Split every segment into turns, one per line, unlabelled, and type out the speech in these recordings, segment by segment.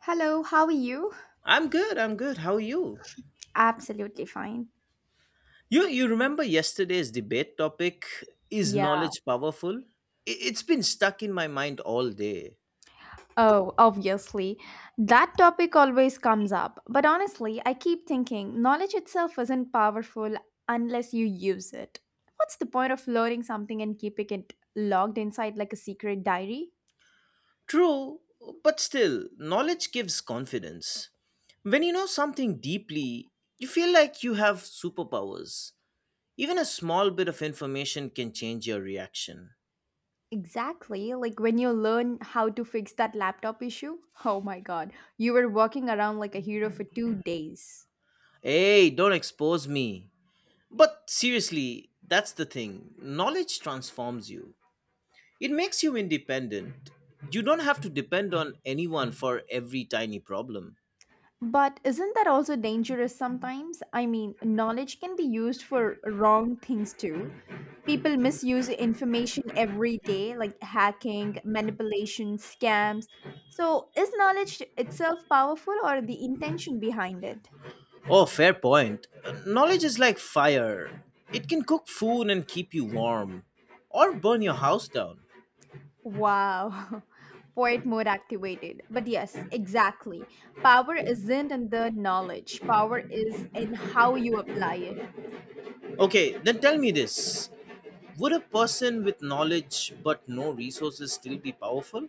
Hello, how are you?
I'm good. I'm good. How are you?
Absolutely fine.
You remember yesterday's debate topic is
Yeah.
knowledge powerful? It's been stuck in my mind all day.
Oh, obviously. That topic always comes up. But honestly, I keep thinking knowledge itself isn't powerful unless you use it. What's the point of learning something and keeping it logged inside like a secret diary?
True, but still, knowledge gives confidence. When you know something deeply, you feel like you have superpowers. Even a small bit of information can change your reaction.
Exactly. Like when you learn how to fix that laptop issue. Oh my god. You were walking around like a hero for 2 days.
Hey, don't expose me. But seriously, that's the thing. Knowledge transforms you. It makes you independent. You don't have to depend on anyone for every tiny problem.
But isn't that also dangerous sometimes? I mean, knowledge can be used for wrong things too. People misuse information every day, like hacking, manipulation, scams. So, is knowledge itself powerful or the intention behind it?
Oh, fair point. Knowledge is like fire. It can cook food and keep you warm, or burn your house down.
Wow. Poet mode activated. But yes, exactly. Power isn't in the knowledge, power is in how you apply it.
Okay, then tell me this. Would a person with knowledge but no resources still be powerful?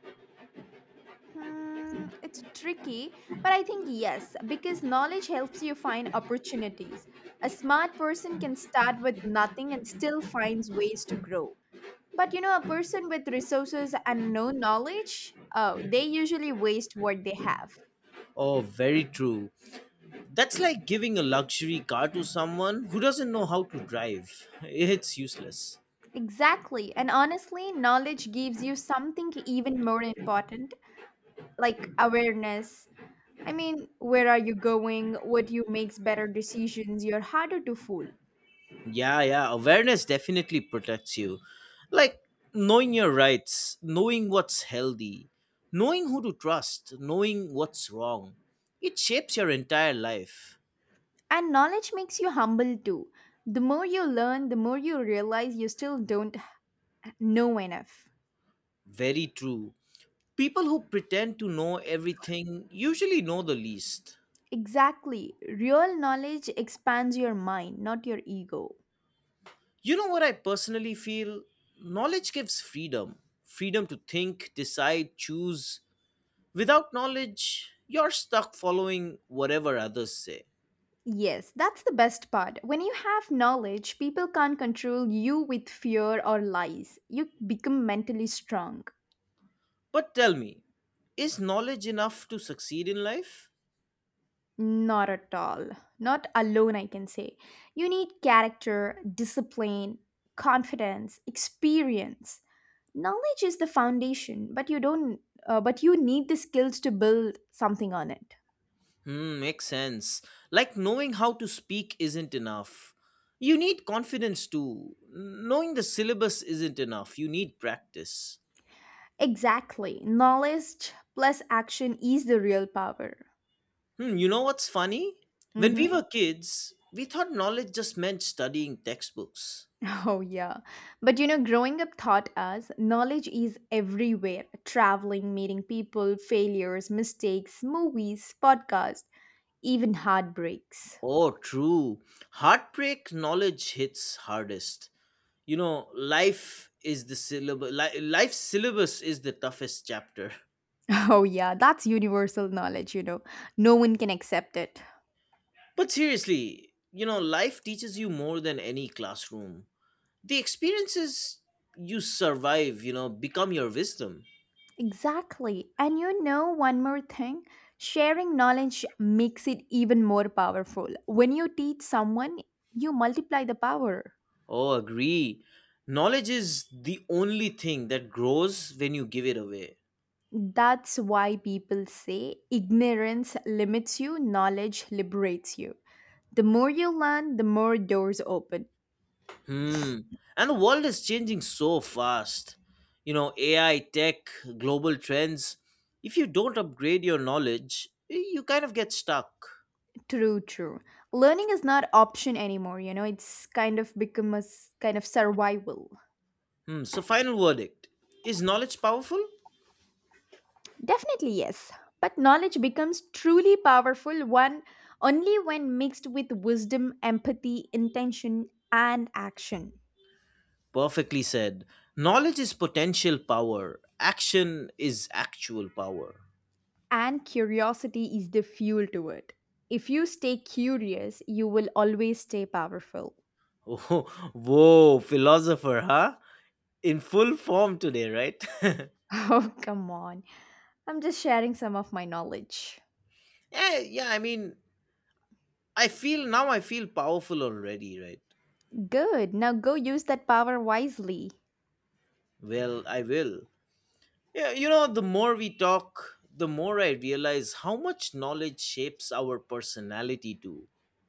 It's tricky, but I think yes, because knowledge helps you find opportunities. A smart person can start with nothing and still finds ways to grow. But a person with resources and no knowledge, oh, they usually waste what they have.
Oh, very true. That's like giving a luxury car to someone who doesn't know how to drive. It's useless.
Exactly. And honestly, knowledge gives you something even more important, like awareness. I mean, where are you going? What you makes better decisions? You're harder to fool.
Yeah, yeah. Awareness definitely protects you. Like knowing your rights, knowing what's healthy, knowing who to trust, knowing what's wrong. It shapes your entire life.
And knowledge makes you humble too. The more you learn, the more you realize you still don't know enough.
Very true. People who pretend to know everything usually know the least.
Exactly. Real knowledge expands your mind, not your ego.
You know what I personally feel? Knowledge gives freedom, freedom to think, decide, choose. Without knowledge, you're stuck following whatever others say.
Yes, that's the best part. When you have knowledge, people can't control you with fear or lies. You become mentally strong.
But tell me, is knowledge enough to succeed in life?
Not at all. Not alone, I can say. You need character, discipline, confidence, experience. Knowledge is the foundation, but you don't but you need the skills to build something on it.
Hmm, makes sense. Like knowing how to speak isn't enough. You need confidence too. Knowing the syllabus isn't enough. You need practice.
Exactly. Knowledge plus action is the real power.
Hmm, you know what's funny? When we
Mm-hmm.
were kids, we thought knowledge just meant studying textbooks.
Oh, yeah. But growing up taught us knowledge is everywhere traveling, meeting people, failures, mistakes, movies, podcasts, even heartbreaks.
Oh, true. Heartbreak knowledge hits hardest. Life is the syllabus. Life's syllabus is the toughest chapter.
Oh, yeah. That's universal knowledge. No one can accept it.
But seriously, life teaches you more than any classroom. The experiences you survive, become your wisdom.
Exactly. And one more thing sharing knowledge makes it even more powerful. When you teach someone, you multiply the power.
Oh, agree. Knowledge is the only thing that grows when you give it away.
That's why people say ignorance limits you, knowledge liberates you. The more you learn, the more doors open.
Hmm. And the world is changing so fast. AI, tech, global trends. If you don't upgrade your knowledge, you kind of get stuck.
True, true. Learning is not option anymore, it's kind of become kind of survival.
Hmm. So, final verdict is knowledge powerful?
Definitely yes, but knowledge becomes truly powerful one only when mixed with wisdom, empathy, intention and action.
Perfectly said. Knowledge is potential power, action is actual power.
And curiosity is the fuel to it. If you stay curious, you will always stay powerful.
Oh, whoa, philosopher, huh? In full form today, right?
Oh, come on. I'm just sharing some of my knowledge.
Yeah, yeah, I mean, I feel powerful already, right?
Good. Now go use that power wisely.
Well, I will. Yeah, the more we talk, the more I realize how much knowledge shapes our personality too.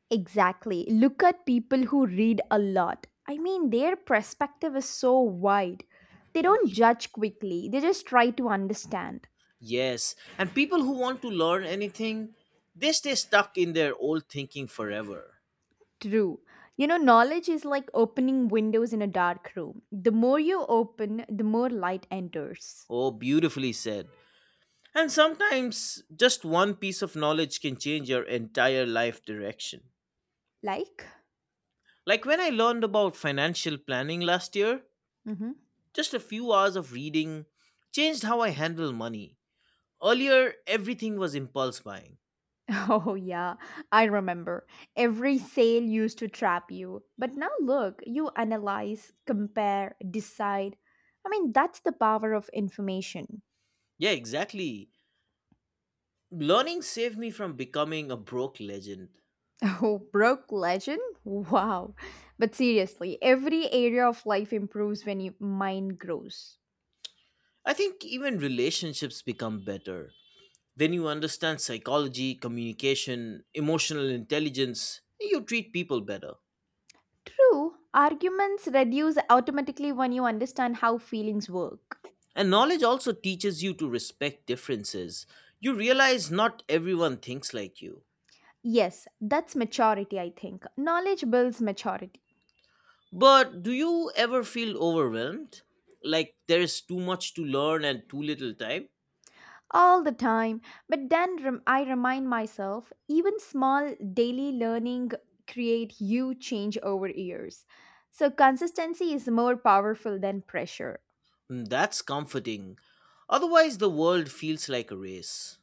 Exactly. Look at people who read a lot. I mean, their perspective is so wide. They don't judge quickly, they just try to understand.
Yes, and people who want to learn anything, they stay stuck in their old thinking forever.
True. Knowledge is like opening windows in a dark room. The more you open, the more light enters.
Oh, beautifully said. And sometimes just one piece of knowledge can change your entire life direction.
Like?
Like when I learned about financial planning last year,
Mhm.
just a few hours of reading changed how I handle money. Earlier, everything was impulse buying.
Oh, yeah, I remember. Every sale used to trap you. But now look, you analyze, compare, decide. I mean, that's the power of information.
Yeah, exactly. Learning saved me from becoming a broke legend.
Oh, broke legend? Wow. But seriously, every area of life improves when your mind grows.
I think even relationships become better. When you understand psychology, communication, emotional intelligence, you treat people better.
True, arguments reduce automatically when you understand how feelings work.
And knowledge also teaches you to respect differences. You realize not everyone thinks like you.
Yes, that's maturity, I think. Knowledge builds maturity.
But do you ever feel overwhelmed? Like there is too much to learn and too little time?
All the time. But then I remind myself, even small daily learning create huge change over years. So consistency is more powerful than pressure.
Mm, that's comforting. Otherwise, the world feels like a race.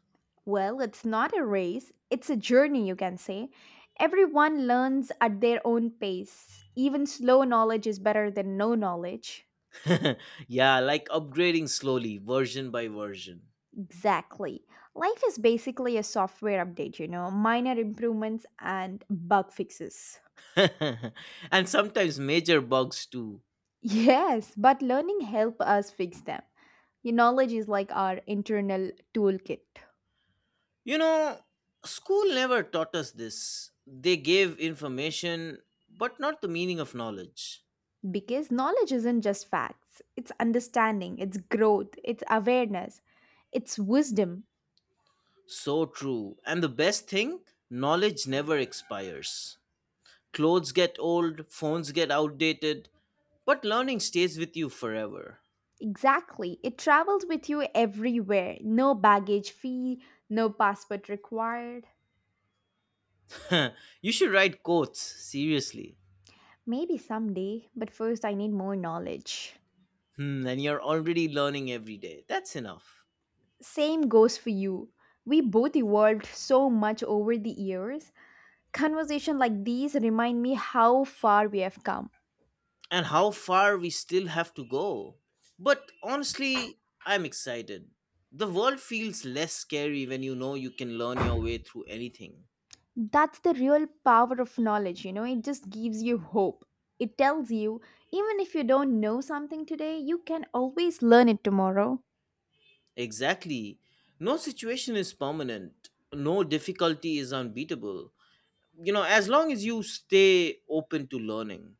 Well, it's not a race, it's a journey, you can say. Everyone learns at their own pace. Even slow knowledge is better than no knowledge.
Yeah, like upgrading slowly, version by version.
Exactly. Life is basically a software update, minor improvements and bug fixes.
And sometimes major bugs too.
Yes, but learning help us fix them. Your knowledge is like our internal toolkit
You know, School never taught us this. They gave information, but not the meaning of knowledge.
because knowledge isn't just facts. It's understanding, it's growth, it's awareness, it's wisdom.
So true. And the best thing, knowledge never expires. Clothes get old, phones get outdated, but learning stays with you forever.
Exactly. It travels with you everywhere. No baggage fee, no passport required.
You should write quotes, seriously.
Maybe someday, but first I need more knowledge.
Hmm, and you're already learning every day. That's enough.
Same goes for you. We both evolved so much over the years. Conversation like these remind me how far we have come.
And how far we still have to go. But honestly, I'm excited. The world feels less scary when you know you can learn your way through anything.
That's the real power of knowledge, it just gives you hope. It tells you, even if you don't know something today, you can always learn it tomorrow.
Exactly. No situation is permanent, no difficulty is unbeatable. As long as you stay open to learning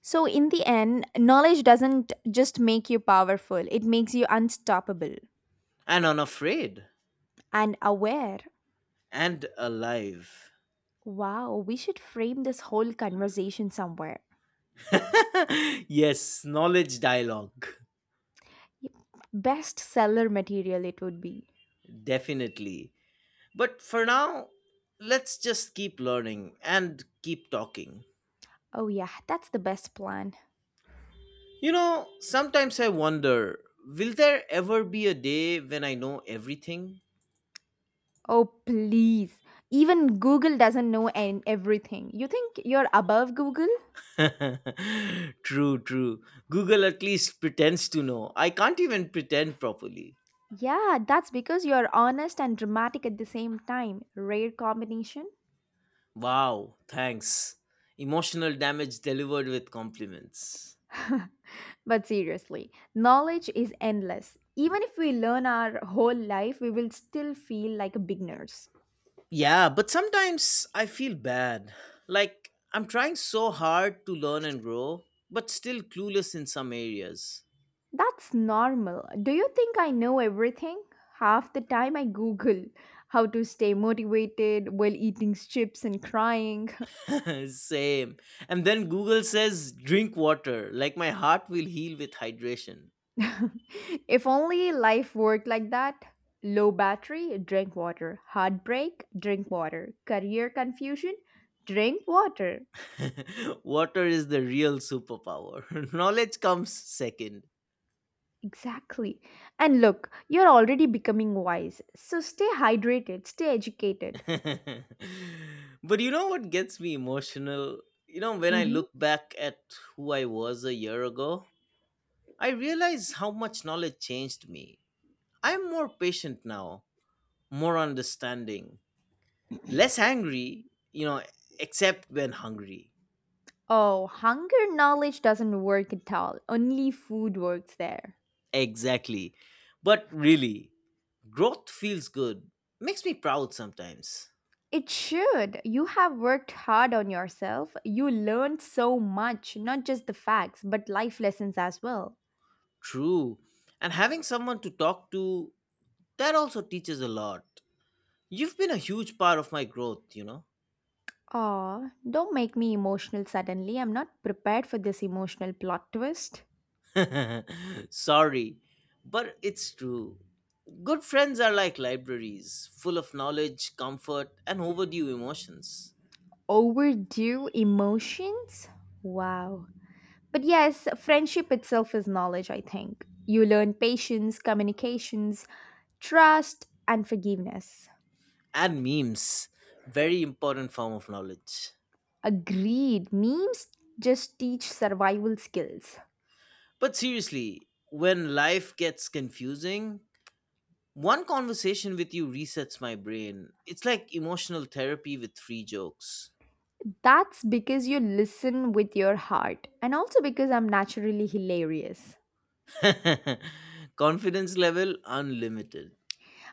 So, in the end, knowledge doesn't just make you powerful, it makes you unstoppable
and unafraid
and aware.
and alive.
Wow, we should frame this whole conversation somewhere.
Yes, knowledge dialogue.
Best seller material, it would be.
Definitely. But for now, let's just keep learning and keep talking.
Oh, yeah, that's the best plan.
Sometimes I wonder will there ever be a day when I know everything?
Oh, please. Even Google doesn't know everything. You think you're above Google?
True, true. Google at least pretends to know. I can't even pretend properly.
Yeah, that's because you're honest and dramatic at the same time. Rare combination.
Wow, thanks. Emotional damage delivered with compliments.
But seriously, knowledge is endless. Even if we learn our whole life, we will still feel like beginners.
Yeah, but sometimes I feel bad. Like, I'm trying so hard to learn and grow, but still clueless in some areas.
That's normal. Do you think I know everything? Half the time I Google how to stay motivated while eating chips and crying.
Same. And then Google says drink water, like my heart will heal with hydration.
If only life worked like that. Low battery, drink water. Heartbreak, drink water. Career confusion, drink water.
Water is the real superpower. Knowledge comes second.
Exactly. And look, you're already becoming wise. So stay hydrated, stay educated.
But you know what gets me emotional? When I
Hmm.
look back at who I was a year ago, I realize how much knowledge changed me. I'm more patient now, more understanding, less angry, you know, except when hungry.
Oh, hunger knowledge doesn't work at all. Only food works there.
Exactly. But really, growth feels good. Makes me proud sometimes.
It should. You have worked hard on yourself. You learned so much, not just the facts, but life lessons as well.
True. And having someone to talk to, that also teaches a lot. You've been a huge part of my growth, you know?
Aw, don't make me emotional suddenly. I'm not prepared for this emotional plot twist.
Sorry, but it's true. Good friends are like libraries, full of knowledge, comfort, and overdue emotions.
Overdue emotions? Wow. But yes, friendship itself is knowledge, I think. You learn patience, communications, trust, and forgiveness.
And memes. Very important form of knowledge.
Agreed. Memes just teach survival skills.
But seriously, when life gets confusing, one conversation with you resets my brain. It's like emotional therapy with free jokes.
That's because you listen with your heart, and also because I'm naturally hilarious.
Confidence level unlimited.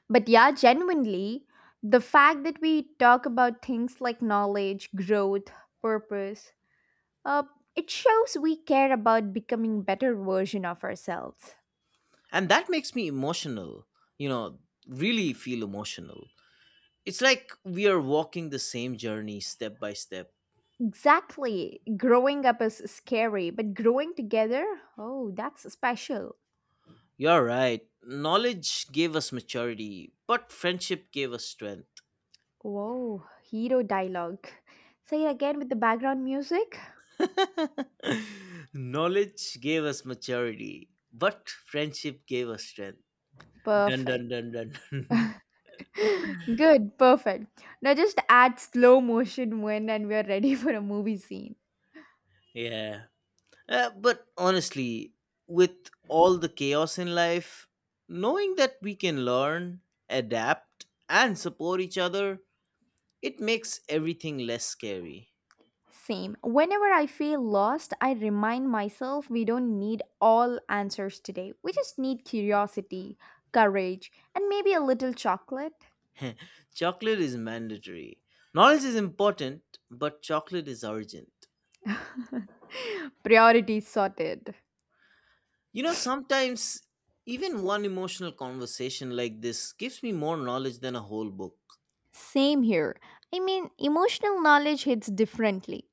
But yeah, genuinely, the fact that we talk about things like knowledge, growth, purpose, uh, it shows we care about becoming better version of ourselves.
And that makes me emotional, you know, really feel emotional. It's like we are walking the same journey step by step.
Exactly. Growing up is scary, but growing together, oh, that's special.
You're right. Knowledge gave us maturity, but friendship gave us strength.
Whoa, hero dialogue. Say it again with the background music.
Knowledge gave us maturity, but friendship gave us strength. Dun
Perfect.
dun dun dun.
Good, perfect. Now just add slow motion when and we're ready for a movie scene.
Yeah. But honestly, with all the chaos in life, knowing that we can learn, adapt, and support each other, it makes everything less scary.
Same. Whenever I feel lost, I remind myself we don't need all answers today. We just need curiosity, courage, and maybe a little chocolate.
Chocolate is mandatory. Knowledge is important, but chocolate is urgent.
Priorities sorted.
Sometimes even one emotional conversation like this gives me more knowledge than a whole book.
Same here. I mean, emotional knowledge hits differently.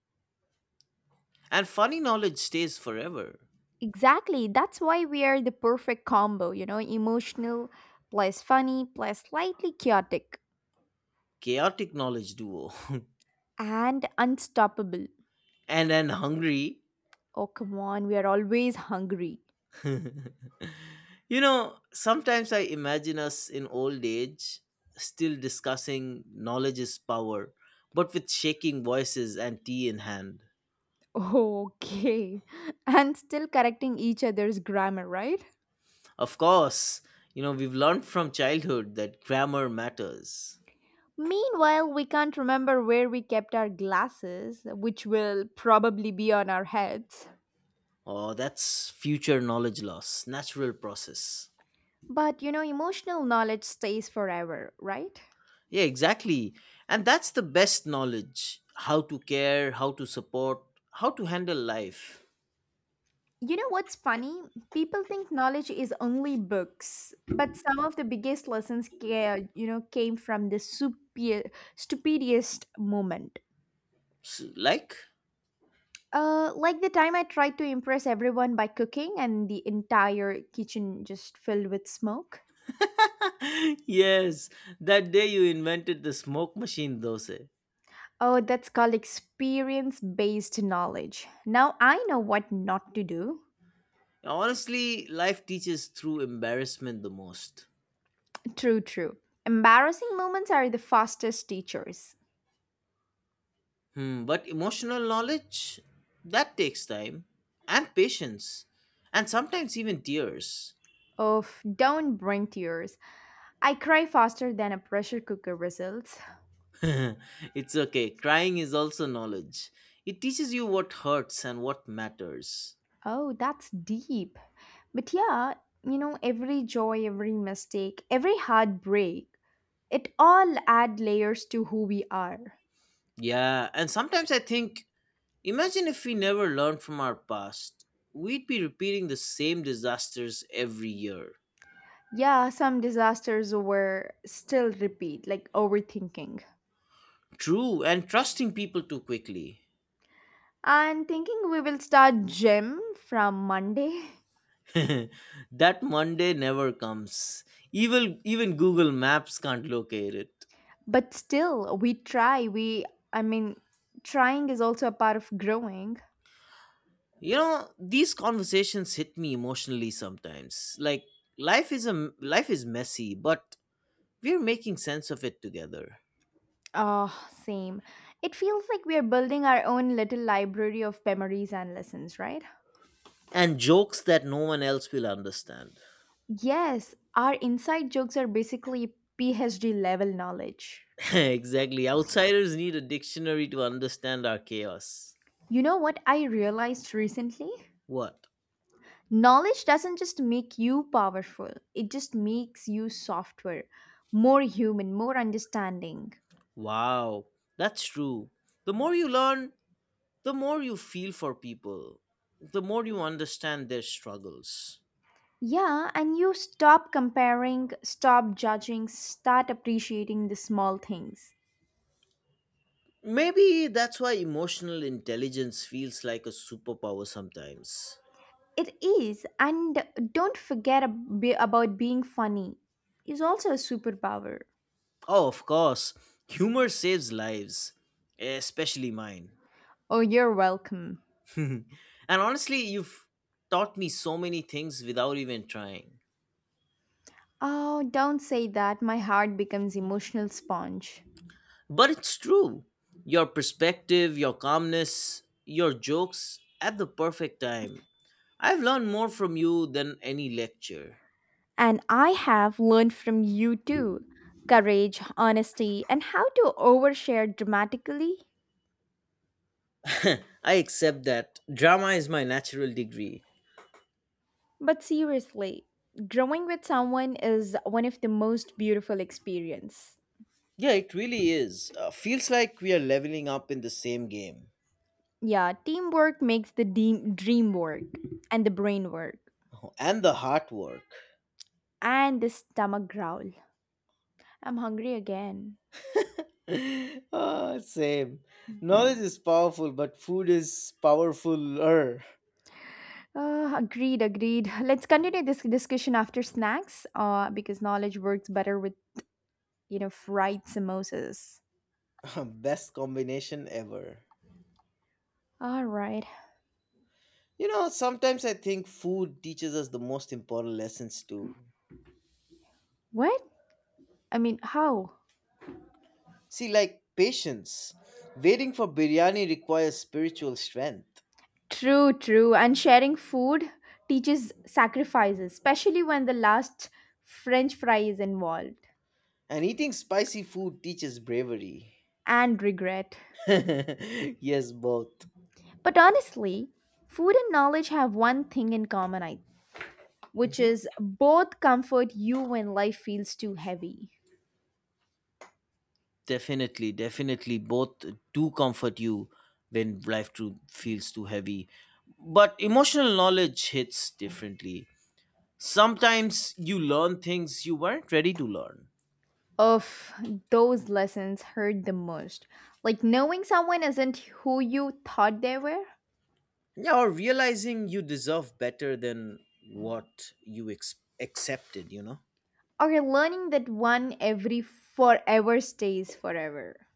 And funny knowledge stays forever.
Exactly. That's why we are the perfect combo, emotional plus funny plus slightly chaotic
Chaotic knowledge duo.
and unstoppable.
And then hungry.
Oh, come on, we are always hungry.
Sometimes I imagine us in old age still discussing knowledge is power, but with shaking voices and tea in hand.
Okay. And still correcting each other's grammar, right?
Of course, we've learned from childhood that grammar matters.
Meanwhile, we can't remember where we kept our glasses, which will probably be on our heads.
Oh, that's future knowledge loss, natural process.
But you know, emotional knowledge stays forever, right?
Yeah, exactly. And that's the best knowledge how to care, how to support, how to handle life.
You know what's funny? People think knowledge is only books, but some of the biggest lessons came from the stupidest moment.
S Like?
Like the time I tried to impress everyone by cooking, and the entire kitchen just filled with smoke.
Yes, that day you invented the smoke machine dosa.
Oh, that's called experience-based knowledge. Now I know what not to do.
Honestly, life teaches through embarrassment the most.
True, true. Embarrassing moments are the fastest teachers.
Hmm, but emotional knowledge, that takes time and patience, and sometimes even tears.
Oh, don't bring tears. I cry faster than a pressure cooker whistles.
It's okay, crying is also knowledge. It teaches you what hurts and what matters.
Oh, that's deep. But yeah, every joy, every mistake, every heartbreak, it all add layers to who we are.
Yeah, and sometimes I think imagine if we never learned from our past, we'd be repeating the same disasters every year.
Yeah, some disasters were still repeat, like overthinking.
True, and trusting people too quickly.
And thinking we will start gym from Monday.
That Monday never comes. Even Google Maps can't locate it.
But still, we try. We, I mean, trying is also a part of growing.
These conversations hit me emotionally sometimes. Like life is messy, but we're making sense of it together.
Oh, same. It feels like we are building our own little library of memories and lessons, right?
And jokes that no one else will understand.
Yes, our inside jokes are basically PhD level knowledge.
Exactly. Outsiders need a dictionary to understand our chaos.
You know what I realized recently?
What?
Knowledge doesn't just make you powerful, it just makes you software, more human, more understanding.
Wow, that's true. The more you learn, the more you feel for people, the more you understand their struggles.
Yeah, and you stop comparing, stop judging, start appreciating the small things.
Maybe that's why emotional intelligence feels like a superpower sometimes.
It is, and don't forget about being funny. Is also a superpower.
Oh, of course, humor saves lives, especially mine.
Oh, you're welcome.
And honestly, you've taught me so many things without even trying.
Oh, don't say that. My heart becomes emotional sponge.
But it's true. Your perspective, your calmness, your jokes at the perfect time. I've learned more from you than any lecture.
And I have learned from you too courage, honesty, and how to overshare dramatically.
I accept that drama is my natural degree.
But seriously, growing with someone is one of the most beautiful experience.
Yeah, it really is. Feels like we are leveling up in the same game.
Yeah, teamwork makes the dream work and the brain work.
And the hard work.
And this stomach growl. I'm hungry again.
Ah, same. Knowledge is powerful, but food is powerfuler.
Agreed, agreed. Let's continue this discussion after snacks, because knowledge works better with, fried samosas.
Best combination ever.
All right.
Sometimes I think food teaches us the most important lessons too.
What? I mean, how?
See, like patience. Waiting for biryani requires spiritual strength,
True, true. And sharing food teaches sacrifices, especially when the last French fry is involved
and eating spicy food teaches bravery.
and regret.
Yes, both.
But honestly, food and knowledge have one thing in common, I which is both comfort you when life feels too heavy.
Definitely, definitely. Both do comfort you when life too feels too heavy. But emotional knowledge hits differently. Sometimes you learn things you weren't ready to learn.
Of those lessons hurt the most. Like knowing someone isn't who you thought they were,
Yeah, or realizing you deserve better than what you accepted, you know?
or learning that one every forever stays forever.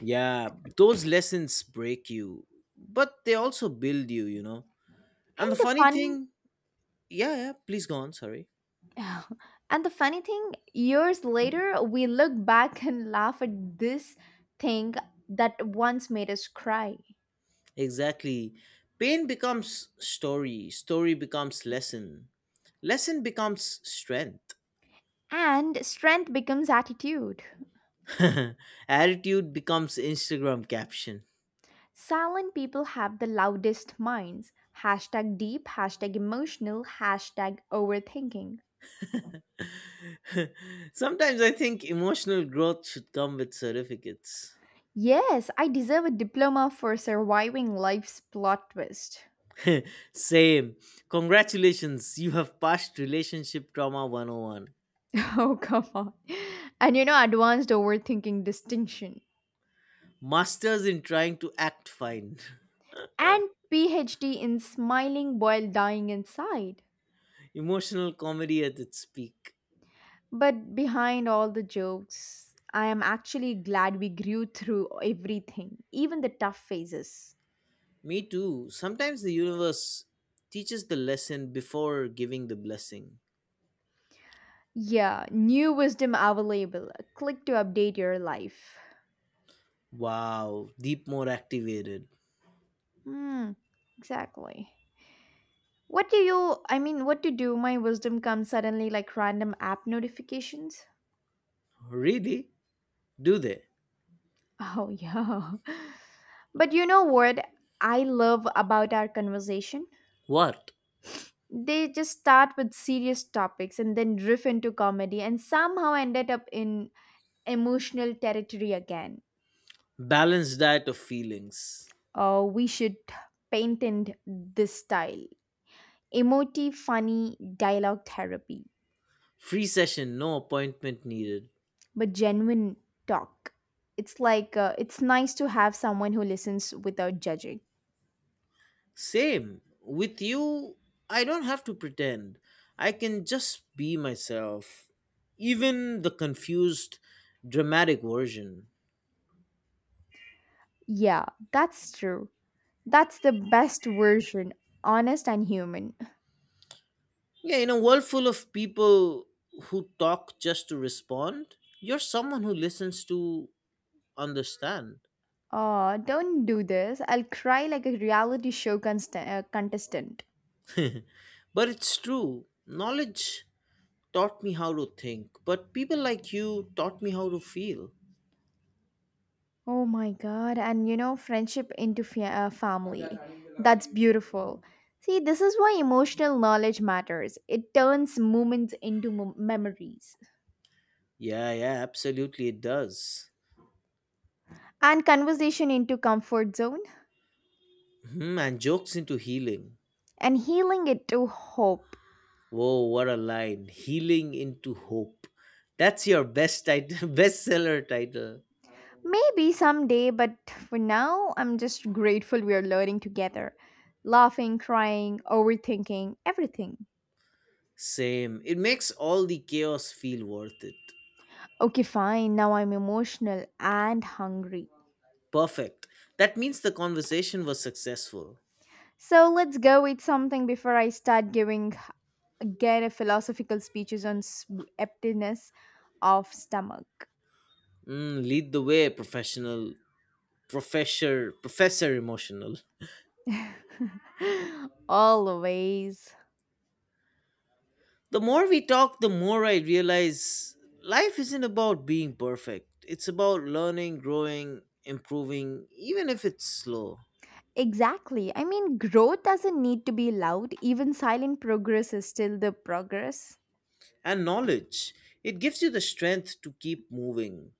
Yeah, those lessons break you, but they also build you, you know?
And
And the
the
funny
funny
thing, yeah, yeah, please go on, sorry.
and the funny thing, years later we look back and laugh at this thing that once made us cry.
Exactly. Pain becomes story, story becomes lesson, lesson becomes strength.
And strength becomes attitude.
Attitude becomes Instagram caption.
Silent people have the loudest minds. Hashtag deep, hashtag emotional, hashtag overthinking.
Sometimes I think emotional growth should come with certificates.
Yes, I deserve a diploma for surviving life's plot twist.
Same. Congratulations, you have passed Relationship Trauma 101.
Oh, come on. And you know, advanced overthinking distinction.
Masters in trying to act fine.
And PhD in smiling while dying inside.
Emotional comedy at its peak.
But behind all the jokes, I am actually glad we grew through everything, even the tough phases.
Me too. Sometimes the universe teaches the lesson before giving the blessing.
Yeah, new wisdom available. Click to update your life.
Wow, deep more activated.
Hmm, exactly. What do you, I mean, what to do? My wisdom comes suddenly like random app notifications.
Really? Do they?
Oh, yeah. But you know what I love about our conversation?
What?
They just start with serious topics and then drift into comedy and somehow ended up in emotional territory again.
Balanced diet of feelings.
Oh, we should patent this style, emotive, funny dialogue therapy,
Free session, no appointment needed.
but genuine talk. It's like it's nice to have someone who listens without judging.
Same. With you, I don't have to pretend. I can just be myself. Even the confused, dramatic version.
Yeah, that's true. That's the best version, honest and human.
Yeah, in a world full of people who talk just to respond, you're someone who listens to understand.
Oh, don't do this. I'll cry like a reality show contestant.
But it's true, knowledge taught me how to think, but people like you taught me how to feel.
Oh my god, and friendship into family. That's beautiful. See, this is why emotional knowledge matters. It turns moments into memories.
Yeah, yeah, absolutely, it does.
And conversation into comfort zone
Hmm, and jokes into healing.
and healing it to hope.
Whoa, what a line! Healing into hope. That's your best title, bestseller title.
Maybe someday, but for now, I'm just grateful we are learning together. Laughing, crying, overthinking, everything.
Same. It makes all the chaos feel worth it.
Okay, fine, now I'm emotional and hungry.
Perfect. That means the conversation was successful.
So let's go with something before I start giving again a philosophical speeches on emptiness of stomach.
Mm, lead the way, professor emotional.
Always.
The more we talk, the more I realize life isn't about being perfect. It's about learning, growing, improving, even if it's slow.
Exactly. I mean, growth doesn't need to be loud, even silent progress is still the progress.
And knowledge, it gives you the strength to keep moving,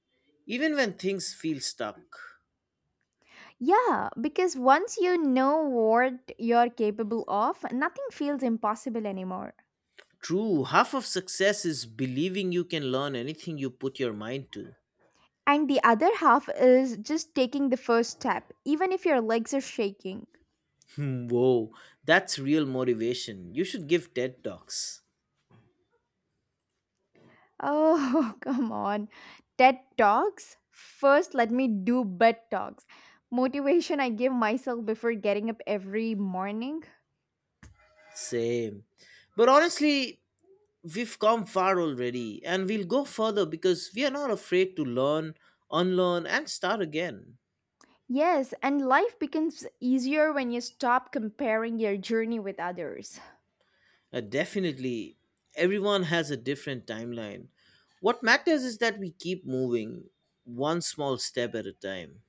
even when things feel stuck.
Yeah, because once you know what you're capable of, nothing feels impossible anymore.
True, half of success is believing you can learn anything you put your mind to.
And the other half is just taking the first step, even if your legs are shaking.
Hmm, whoa, that's real motivation. You should give TED Talks.
Oh, come on. TED Talks? First, let me do bed talks. Motivation I give myself before getting up every morning.
Same. But honestly, we've come far already and we'll go further because we are not afraid to learn, unlearn, and start again.
Yes, and life becomes easier when you stop comparing your journey with others.
Definitely, everyone has a different timeline. What matters is that we keep moving one small step at a time.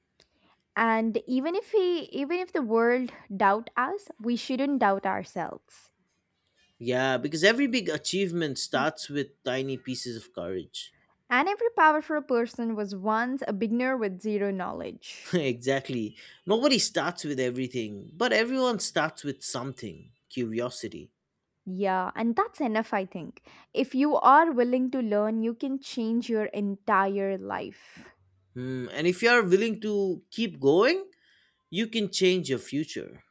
And even if the world doubt us, we shouldn't doubt ourselves.
Yeah, because every big achievement starts with tiny pieces of courage.
And every powerful person was once a beginner with zero knowledge.
Exactly. Nobody starts with everything, but everyone starts with something curiosity.
Yeah, and that's enough, I think. If you are willing to learn, you can change your entire life.
Hmm, and if you are willing to keep going, you can change your future.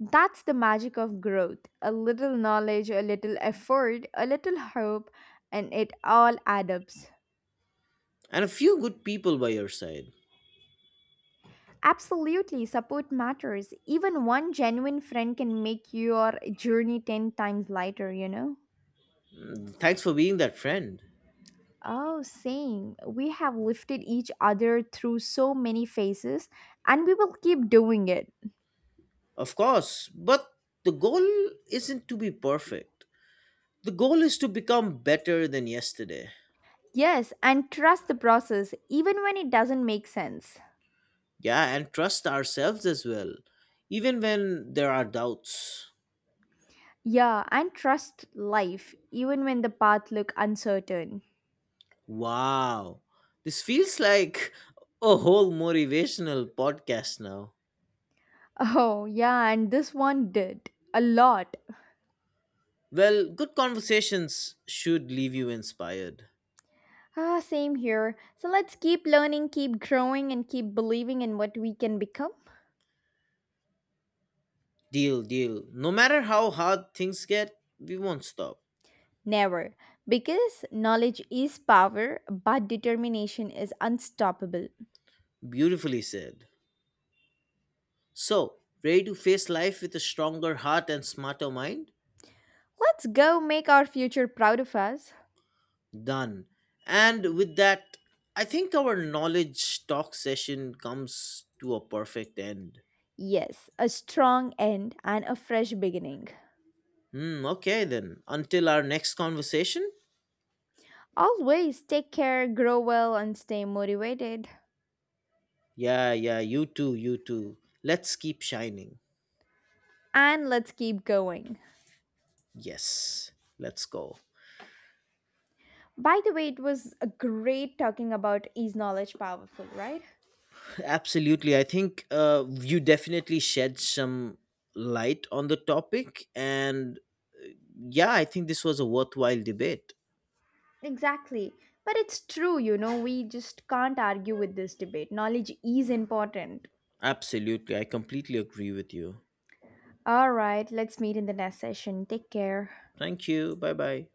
That's the magic of growth. A little knowledge, a little effort, a little hope, and it all adds up.
And a few good people by your side.
Absolutely, support matters. Even one genuine friend can make your journey 10 times lighter, you know?
Hmm, thanks for being that friend.
Oh, same. We have lifted each other through so many phases and we will keep doing it.
Of course, but the goal isn't to be perfect. The goal is to become better than yesterday.
Yes, and trust the process, even when it doesn't make sense.
Yeah, and trust ourselves as well, even when there are doubts.
Yeah, and trust life, even when the path look uncertain.
Wow. This feels like a whole motivational podcast now.
Oh, yeah, and this one did. A lot.
Well, good conversations should leave you inspired.
Ah, same here. So let's keep learning, keep growing, and keep believing in what we can become.
Deal, deal. No matter how hard things get, we won't stop.
Never. Because knowledge is power, but determination is unstoppable.
Beautifully said. So, ready to face life with a stronger heart and smarter mind?
Let's go make our future proud of us.
Done. And with that, I think our knowledge talk session comes to a perfect end.
Yes, a strong end and a fresh beginning.
Hmm, okay then. Until our next conversation,
Always take care, grow well, and stay motivated.
yeah, yeah, you too, you too. Let's keep shining.
And let's keep going.
Yes, let's go.
By the way, it was a great talking about is knowledge powerful, right?
Absolutely. I think you definitely shed some light on the topic. And yeah, I think this was a worthwhile debate.
Exactly. But it's true, you know, we just can't argue with this debate. Knowledge is important.
Absolutely. I completely agree with you.
All right, let's meet in the next session. Take care.
Thank you. Bye bye.